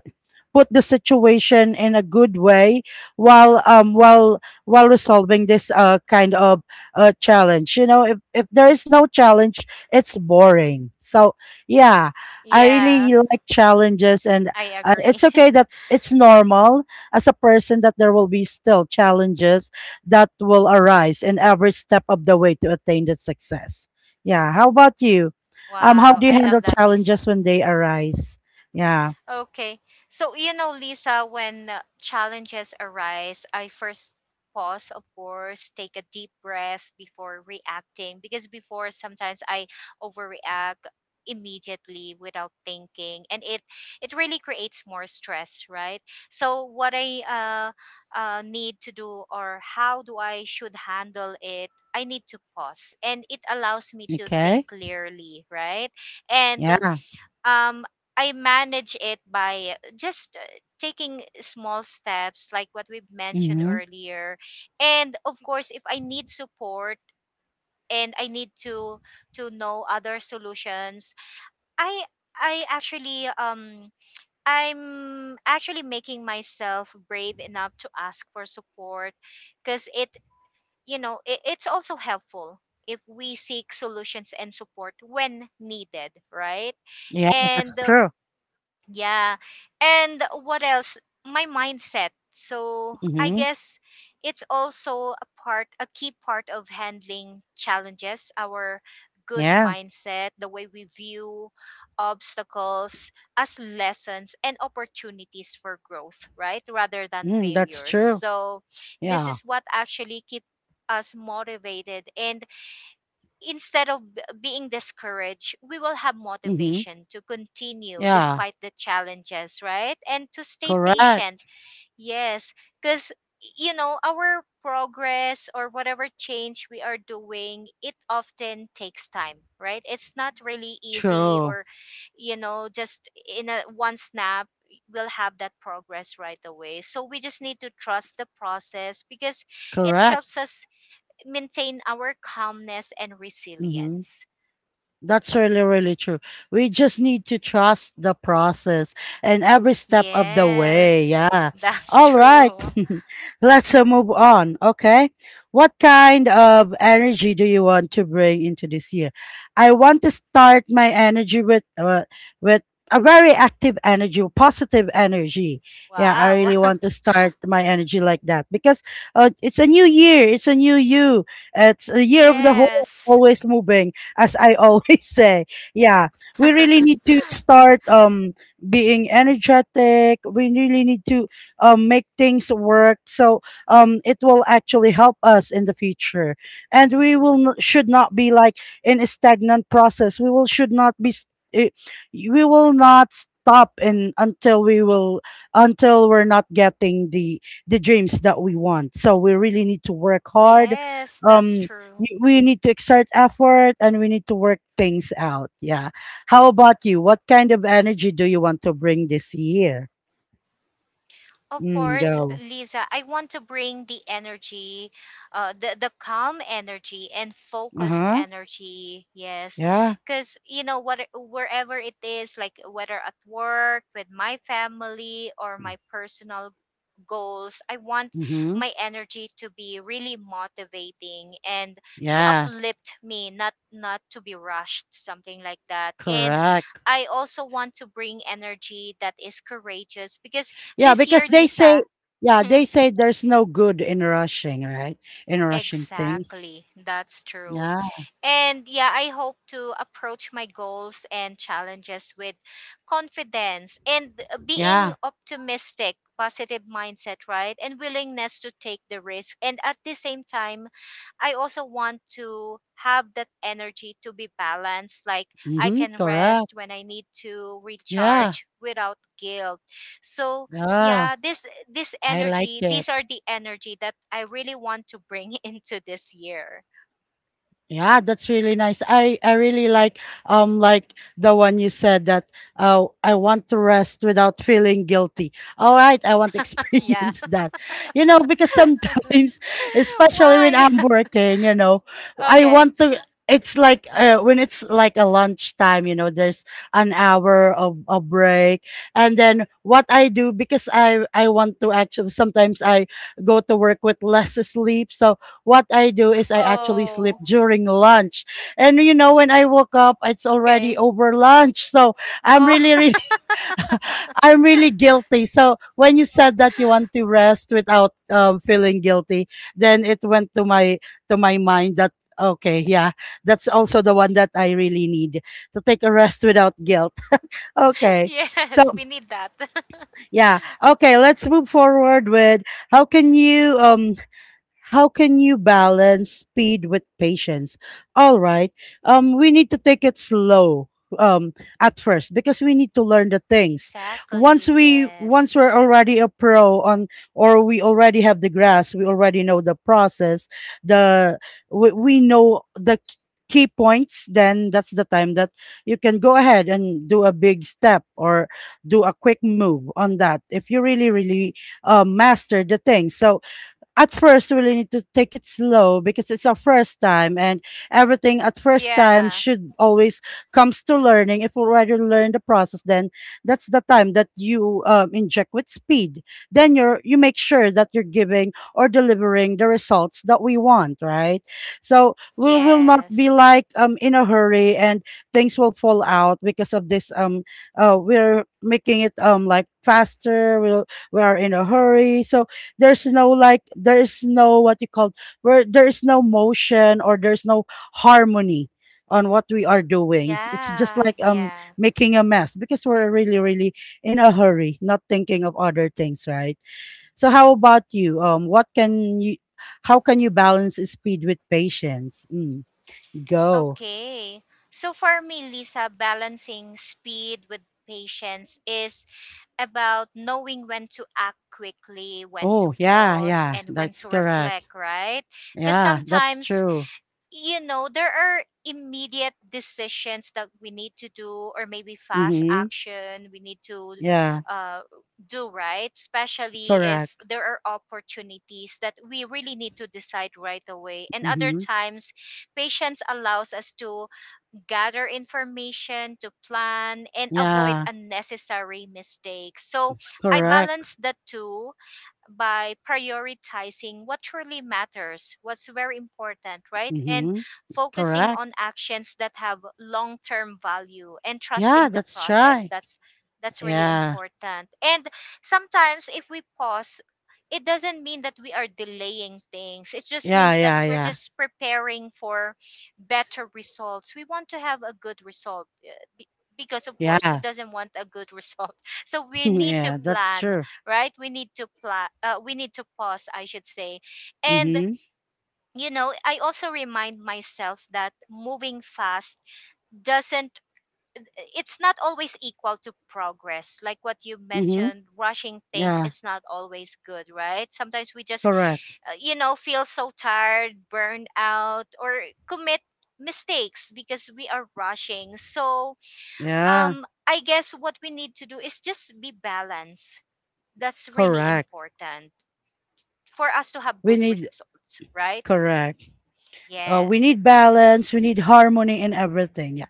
put the situation in a good way while um while while resolving this uh kind of uh challenge, you know. If, if there is no challenge, it's boring, so yeah, I
Yeah.
really like challenges, and
I
uh,
agree.
it's okay, that it's normal as a person that there will be still challenges that will arise in every step of the way to attain that success. Yeah, how about you? Um how
Wow.
do you
I
handle
love that, Lisa.
challenges when they arise? Yeah.
Okay. So, you know, Lisa, when uh, challenges arise, I first pause, of course, take a deep breath before reacting, because before sometimes I overreact immediately without thinking, and it it really creates more stress, right? So what i uh, uh need to do, or how do I should handle it, I need to pause and it allows me to think
Okay.
clearly, right? And
Yeah.
um I manage it by just uh, taking small steps, like what we've mentioned
Mhm.
earlier. And of course, if I need support and I need to to know other solutions, I I actually um I'm actually making myself brave enough to ask for support, because it you know, it, it's also helpful if we seek solutions and support when needed, right?
Yeah, that's
And um,
true.
yeah. And what else? My mindset. So I
Mhm.
guess it's also a part, a key part of handling challenges, our good
Yeah.
mindset, the way we view obstacles as lessons and opportunities for growth, right? Rather than
Mm, that's
failures.
true.
So this
Yeah.
is what actually keeps us motivated, and instead of b- being discouraged, we will have
Mhm.
motivation to continue
Yeah.
despite the challenges, right? And to stay patient.
Correct.
Yes, because you know our progress or whatever change we are doing, it often takes time, right? It's not really easy
True.
or, you know, just in a one snap we'll have that progress right away. So we just need to trust the process, because it
Correct.
helps us maintain our calmness and
Mhm.
resilience.
That's really, really true. We just need to trust the process and every step of the way.
Yes,
Yeah.
that's
All right.
true.
Let's uh, move on. Okay. What kind of energy do you want to bring into this year? I want to start my energy with, uh, with a very active energy, positive energy. Yeah. I
Wow.
really want to start my energy like that because uh, it's a new year. It's a new you. It's a year of the whole,
Yes.
always moving, as I always say. Yeah, we really need to start um being energetic. We really need to um make things work. So um it will actually help us in the future, and we will n- should not be like in a stagnant process. We will should not be. St- eh, we will not stop in until we will, until we're not getting the the dreams that we want, so we really need to work hard.
Yes, that's
um
true.
y- we need to exert effort and we need to work things out. Yeah. How about you? What kind of energy do you want to bring this year?
Of course,
Mm, go.
Lisa, I want to bring the energy, uh, the, the calm energy and
Uh
focused
huh.
energy. Yes.
Yeah.
Because, you know, what, wherever it is, like whether at work, with my family, or my personal goals. I want
Mm-hmm.
my energy to be really motivating and to
Yeah.
uplift me, not not to be rushed, something like that. And
Correct.
I also want to bring energy that is courageous, because
Yeah,
this
because
year,
they say,
Lisa.
yeah, they say there's no good in rushing, right? In rushing things.
Exactly. That's true.
Yeah.
And yeah, I hope to approach my goals and challenges with confidence and being
Yeah.
optimistic, positive mindset, right? And willingness to take the risk. And at the same time, I also want to have that energy to be balanced. Like I
Mm-hmm.
can
Correct.
rest when I need to
Yeah.
recharge without guilt. So
Yeah.
yeah, this this
I like
energy,
it.
these are the energy that I really want to bring into this year.
Yeah, that's really nice. I I really like um like the one you said that uh I want to rest without feeling guilty. All right, I want to
Yeah.
experience that. You know, because sometimes, especially when
Why.
I'm working, you know, I
Okay.
want to, it's like uh, when it's like a lunchtime, you know, there's an hour of a break. And then what I do, because I I want to, actually sometimes I go to work with less sleep. So what I do is I actually sleep
Oh.
during lunch. And you know, when I woke up, it's already
Okay.
over lunch. So I'm
Oh.
really, really, I'm really guilty. So when you said that you want to rest without um, feeling guilty, then it went to my to my mind that okay, yeah, that's also the one that I really need to take a rest without guilt. Okay, so
Yes, we need that.
yeah, okay, let's move forward with how can you um how can you balance speed with patience? All right. Um, we need to take it slow um at first because we need to learn the things. Once
Exactly,
we, once
yes.
we're already a pro on, or we already have the grasp, we already know the process, the we, we know the k- key points, then that's the time that you can go ahead and do a big step, or do a quick move on that, if you really really uh, master the thing. So at first we really need to take it slow because it's our first time, and everything at first time
Yeah.
should always comes to learning. If we already learn the process, then that's the time that you um, inject with speed, then you're, you make sure that you're giving or delivering the results that we want, right? So we will not be
Yes.
like um in a hurry and things will fall out because of this um uh, we're making it um like faster. We'll, we are in a hurry, so there's no like there is no what you call, where there is no motion or there's no harmony on what we are doing. It's just like
Yeah.
um
Yeah.
making a mess because we're really really in a hurry, not thinking of other things, right? So how about you? Um what can you, how can you balance speed with patience? Mm, go.
Okay. So for me, Lisa, balancing speed with patience is about knowing when to act quickly, when to
Oh yeah,
pause,
yeah,
and when
that's
to
correct.
reflect, right? Because
Yeah, that's
sometimes,
true.
you know, there are immediate decisions that we need to do, or maybe fast
Mm-hmm.
action we need to
Yeah,
uh, do, right? Especially if
correct.
there are opportunities that we really need to decide right away. And other
Mm-hmm.
times, patience allows us to gather information, to plan and avoid
Yeah,
unnecessary mistakes. So I
correct.
balance the two by prioritizing what truly matters, what's very important, right? And
Mm-hmm.
focusing on
Correct.
actions that have long-term value, and
Yeah,
trusting the
that's
process.
right.
That's that's really
Yeah.
important. And sometimes if we pause, it doesn't mean that we are delaying things. It just
Yeah,
means that
yeah,
we're
yeah.
just preparing for better results. We want to have a good result, uh, be- because of course, who
Yeah.
doesn't want a good result? So we need to
Yeah, that's
plan,
true.
right? We need to pla- uh, we need to pause, I should say. And
Mhm.
you know, I also remind myself that moving fast doesn't, it's not always equal to progress. Like what you
Mhm.
mentioned, rushing things,
Yeah,
it's not always good, right? Sometimes we just
correct.
uh, you know, feel so tired, burned out, or commit mistakes because we are rushing. So
Yeah,
um I guess what we need to do is just be balanced. That's really
correct.
important for us to have
We
good
need,
results, right?
correct.
Yeah.
Uh, we need balance, we need harmony in everything. Yeah.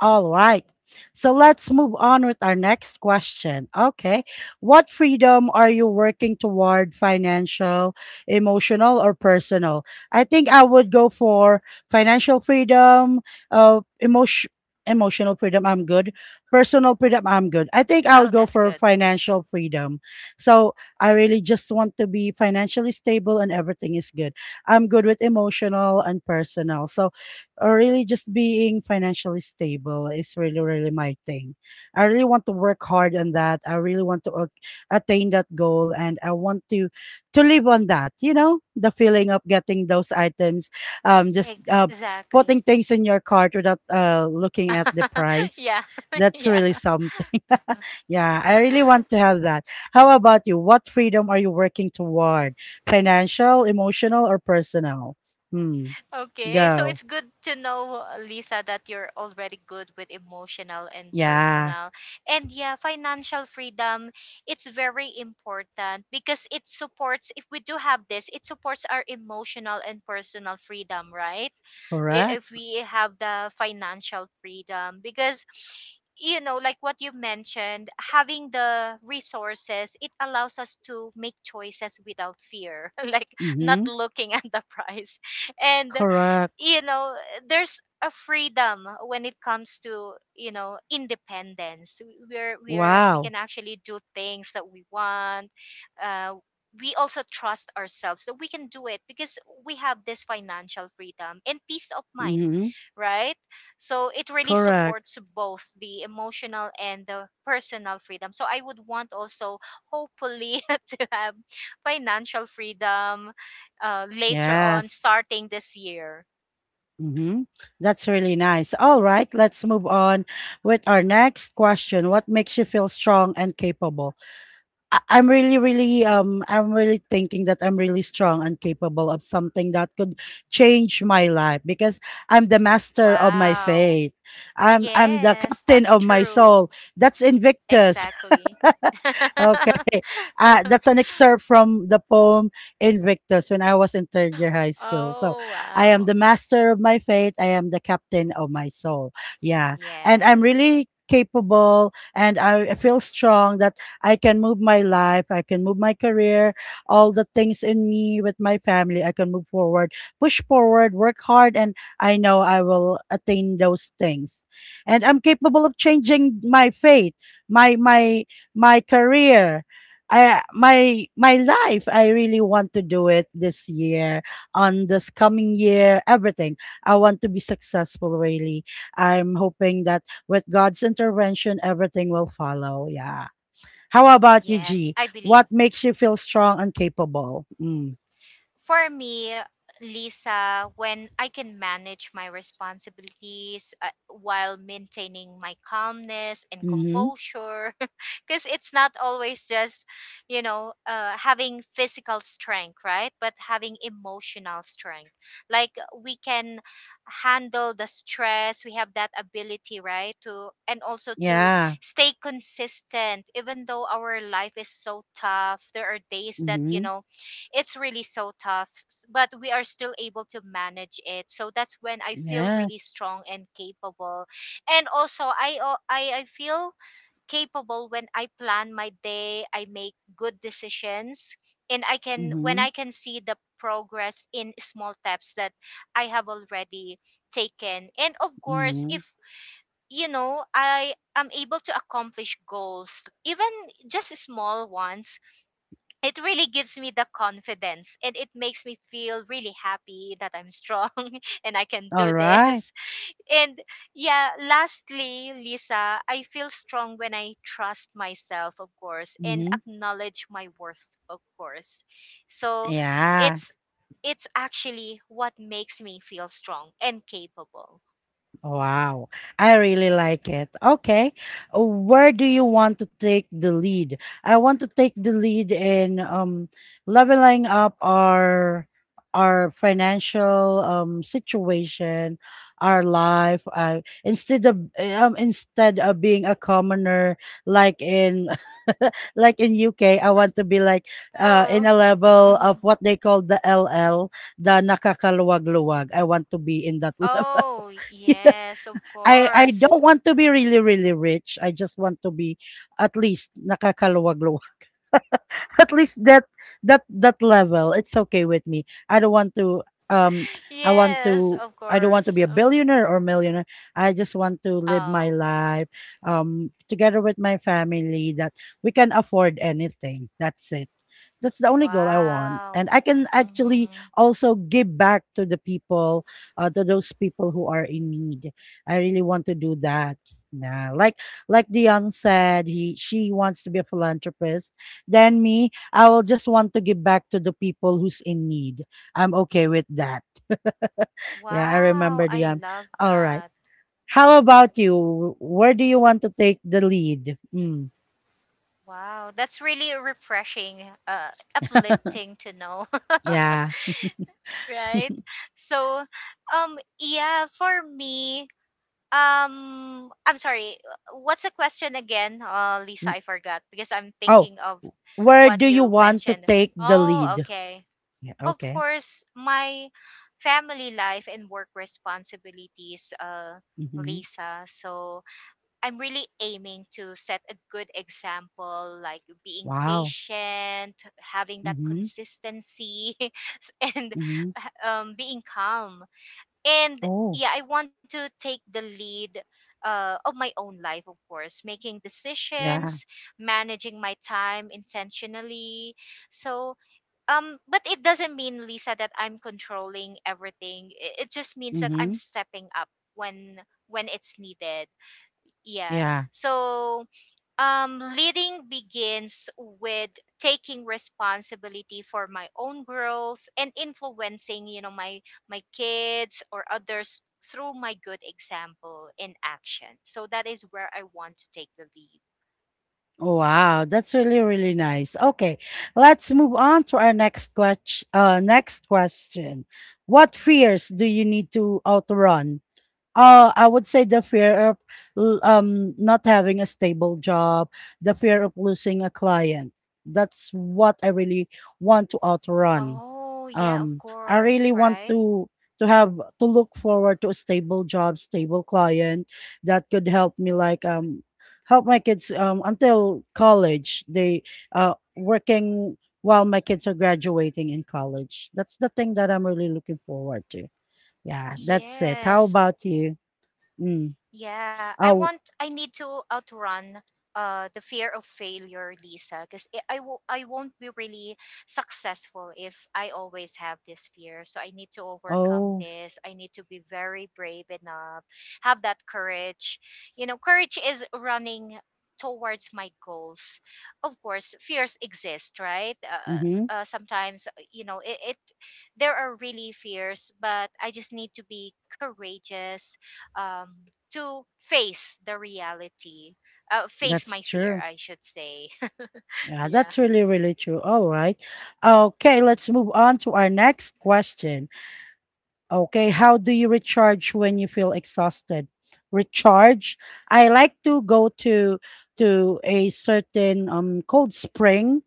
All right. So let's move on with our next question. Okay. What freedom are you working toward, financial, emotional, or personal? I think I would go for financial freedom, uh, emotion, emotional freedom. I'm good. Personal freedom. I'm good. I think I'll
Wow,
go
that's
for
good.
financial freedom. So I really just want to be financially stable and everything is good. I'm good with emotional and personal. So or really just being financially stable is really, really my thing. I really want to work hard on that. I really want to ac- attain that goal, and I want to to live on that, you know, the feeling of getting those items, um, just uh,
Exactly.
putting things in your cart without uh, looking at the price.
Yeah.
That's
Yeah.
really something. Yeah, I really want to have that. How about you? What freedom are you working toward? Financial, emotional, or personal? Hmm,
Okay. So
go.
it's good to know, Lisa, that you're already good with emotional and
Yeah,
personal. And yeah, financial freedom, it's very important because it supports, if we do have this, it supports our emotional and personal freedom, right? I- If
correct.
we have the financial freedom, because you know, like what you mentioned, having the resources, it allows us to make choices without fear, like not
Mhm.
looking at the price. And
Correct.
you know, there's a freedom when it comes to, you know, independence. we're we're we
Wow.
can actually do things that we want, uh, we also trust ourselves that we can do it because we have this financial freedom and peace of mind,
Mhm.
right? So it really
Correct.
supports both the emotional and the personal freedom. So I would want also, hopefully, to have financial freedom uh, later on,
Yes.
starting this year.
Mhm. That's really nice. All right, let's move on with our next question. What makes you feel strong and capable? I- I'm really really um I'm really thinking that I'm really strong and capable of something that could change my life because I'm the master of my
Wow.
faith. I'm I'm the
Yes,
captain
that's
of my
true.
soul. That's Invictus.
Exactly.
Okay. Uh, that's an excerpt from the poem Invictus when I was in third year high school. So
Oh,
I am
wow.
the master of my fate. I am the captain of my soul. Yeah. And I'm
Yes.
really capable, and I I feel strong that I can move my life. I can move my career, all the things in me with my family. I can move forward, push forward, work hard. And I know I will attain those things. And I'm capable of changing my fate, my, my, my career. I My my life. I really want to do it this year, on this coming year, everything. I want to be successful really. I'm hoping that with God's intervention everything will follow. Yeah. How about you,
Yes,
G?
I believe.
What makes you feel strong and capable? Mm.
For me, Lisa, when I can manage my responsibilities uh, while maintaining my calmness and
Mm-hmm.
composure, because it's not always just, you know, uh, having physical strength, right? But having emotional strength. Like we can handle the stress, we have that ability, right? To And also to
Yeah.
stay consistent, even though our life is so tough. There are days that, you
Mm-hmm.
know, it's really so tough, s- but we are still able to manage it. So that's when I feel
Yeah.
really strong and capable. And also, I al- I, I feel capable when I plan my day, I make good decisions, and I can when
Mm-hmm.
I can see the progress in small steps that I have already taken. And of course,
Mm-hmm.
if you know, I am able to accomplish goals, even just small ones, it really gives me the confidence, and it makes me feel really happy that I'm strong and I can
All
do
right.
this. And yeah, lastly, Lisa, I feel strong when I trust myself, of course, and
Mm-hmm.
acknowledge my worth, of course. So
Yeah.
it's it's actually what makes me feel strong and capable.
Wow, I really like it. Okay, uh, where do you want to take the lead? I want to take the lead in um leveling up our our financial um situation, our life. Uh, instead of um instead of being a commoner like in like in U K, I want to be like uh
Oh.
in a level
Mhm.
of what they call the L L, the nakakaluwag-luwag. I want to be in that level.
Oh, yes, of
I I
course.
don't want to be really, really rich. I just want to be at least nakakaluwag-luwag, at least that that that level, it's okay with me. I don't want to um i want
Yes,
to
of
I don't want
course.
to be a
Um,
billionaire or millionaire. I just want to live my
Oh.
life um together with my family, that we can afford anything. That's it. That's the only goal I want, and
Wow.
I can actually
Mm-hmm.
also give back to the people, uh, to those people who are in need. I really want to do that. Yeah, like like Dion said, he, she wants to be a philanthropist. Then me, I will just want to give back to the people who's in need. I'm okay with that. Yeah, I
Wow,
remember
I
the um.
love
All
that.
right. How about you? Where do you want to take the lead? Mm,
Wow, that's really refreshing, uh, uplifting to know,
yeah.
right? So, um, yeah, for me, um, I'm sorry. What's the question again, uh, Lisa?
W-
I forgot because I'm
Oh,
thinking of
where
what
do you
you
want to
mentioned.
take the
Oh,
lead?
okay.
Yeah,
Of
okay.
course, my family life and work responsibilities, uh,
Mm-hmm.
Lisa. So I'm really aiming to set a good example, like being
Wow.
patient, having that
Mm-hmm.
consistency, and
Mm-hmm.
um, being calm. And
Oh,
yeah, I want to take the lead uh, of my own life, of course, making
yeah.
decisions, managing my time intentionally. So um but it doesn't mean, Lisa, that I'm controlling everything. It, it just means that I'm
Mm-hmm.
stepping up when when it's needed. Yeah.
Yeah.
So um leading begins with taking responsibility for my own growth and influencing, you know, my my kids or others through my good example and action. So that is where I want to take the lead.
Oh, wow, that's really, really nice. Okay, let's move on to our next question. Uh, next question: what fears do you need to outrun? Uh, I would say the fear of l- um not having a stable job, the fear of losing a client. That's what I really want to outrun.
Oh yeah, of
Um, I really
course,
want
right.
to to have to look forward to a stable job, stable client that could help me like um help my kids um until college. They uh working while my kids are graduating in college. That's the thing that I'm really looking forward to. Yeah, that's it. How
Yes.
about you? Mm.
Yeah, I
Oh,
want I need to outrun uh the fear of failure, Lisa, because I I wo- I won't be really successful if I always have this fear. So I need to overcome
oh,
this. I need to be very brave enough, have that courage. You know, courage is running towards my goals. Of course, fears exist, right? Uh,
mm-hmm.
uh, sometimes uh, you know, it, it, there are really fears, but I just need to be courageous um to face the reality, uh, face my
That's
fear,
true.
I should say.
Yeah,
Yeah.
that's really, really true. All right. Okay, let's move on to our next question. Okay, how do you recharge when you feel exhausted? Recharge. I like to go to to a certain um cold spring,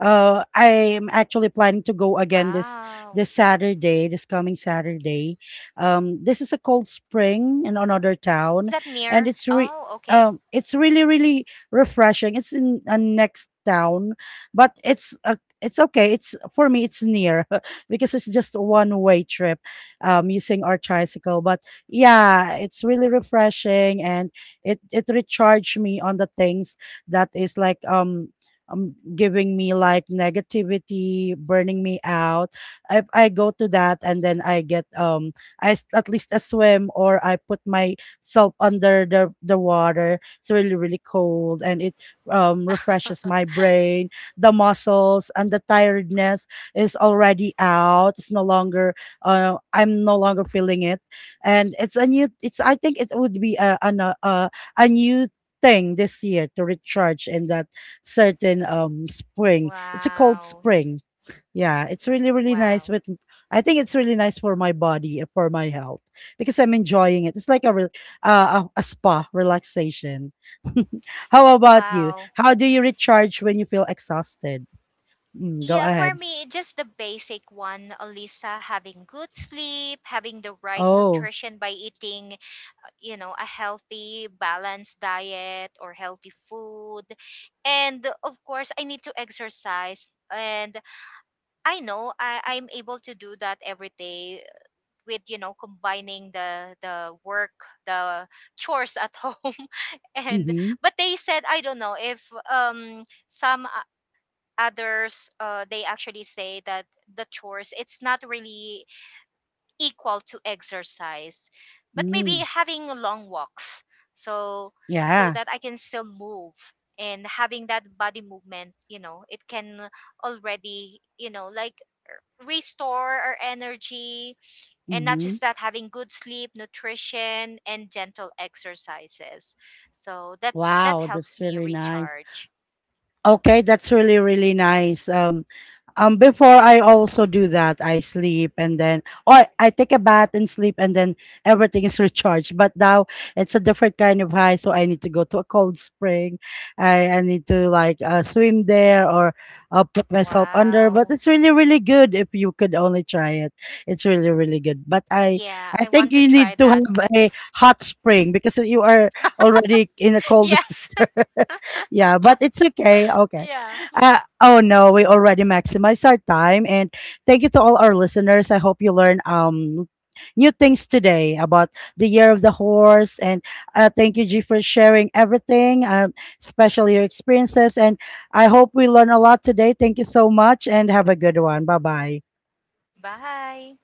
uh, I'm actually planning to go again this
Wow.
this Saturday, this coming Saturday. Um, this is a cold spring in another
Is
town,
that
and
near?
it's re-
Oh, okay.
um, it's really really refreshing. It's in a next town, but it's a it's okay. It's for me. It's near because it's just a one way trip, um, using our tricycle. But yeah, it's really refreshing and it it recharged me on the things that is like um um, giving me like negativity, burning me out. If I go to that and then I get um I s- at least a swim or I put myself under the the water. It's really really cold and it um refreshes my brain, the muscles, and the tiredness is already out. It's no longer uh I'm no longer feeling it, and it's a new. It's I think it would be a a a, a new thing this year to recharge in that certain um spring. It's a cold
Wow.
spring. Yeah, it's really really nice
Wow.
with I think it's really nice for my body and for my health because I'm enjoying it. It's like a re- uh, a, a spa relaxation. How about you?
Wow.
How do you recharge when you feel exhausted? Mm, go
Yeah, for
ahead.
me, just the basic one, Alisa, having good sleep, having the right
Oh,
nutrition by eating, uh, you know, a healthy, balanced diet or healthy food. And of course, I need to exercise, and I know I, I'm able to do that every day with, you know, combining the the work, the chores at home. And
mm-hmm.
but they said, I don't know if um some o- others uh, they actually say that the chores, it's not really equal to exercise, but maybe
Mm,
having long walks. So so
yeah.
that I can still move, and having that body movement, you know, it can already, you know, like restore our energy. And not
Mm-hmm.
just that, having good sleep, nutrition, and gentle exercises, so that that
Wow,
helps
that's
me
really nice.
recharge.
Okay, that's really really nice. Um Um, before I also do that, I sleep and then, or I take a bath and sleep and then everything is recharged. But now it's a different kind of high, so I need to go to a cold spring. I, I need to like uh, swim there or uh, put myself under. But
Wow.
it's really really good if you could only try it. It's really really good. But I
Yeah, I
I think
want to
you
try
need to
that.
have a hot spring because you are already in a cold
Yes.
weather. Yeah, but it's okay. Okay.
Yeah.
Uh, oh no, we already maximized our time. And thank you to all our listeners. I hope you learn um new things today about the year of the horse. And uh, thank you, G, for sharing everything, um, especially your experiences. And I hope we learn a lot today. Thank you so much, and have a good one. Bye bye.
Bye.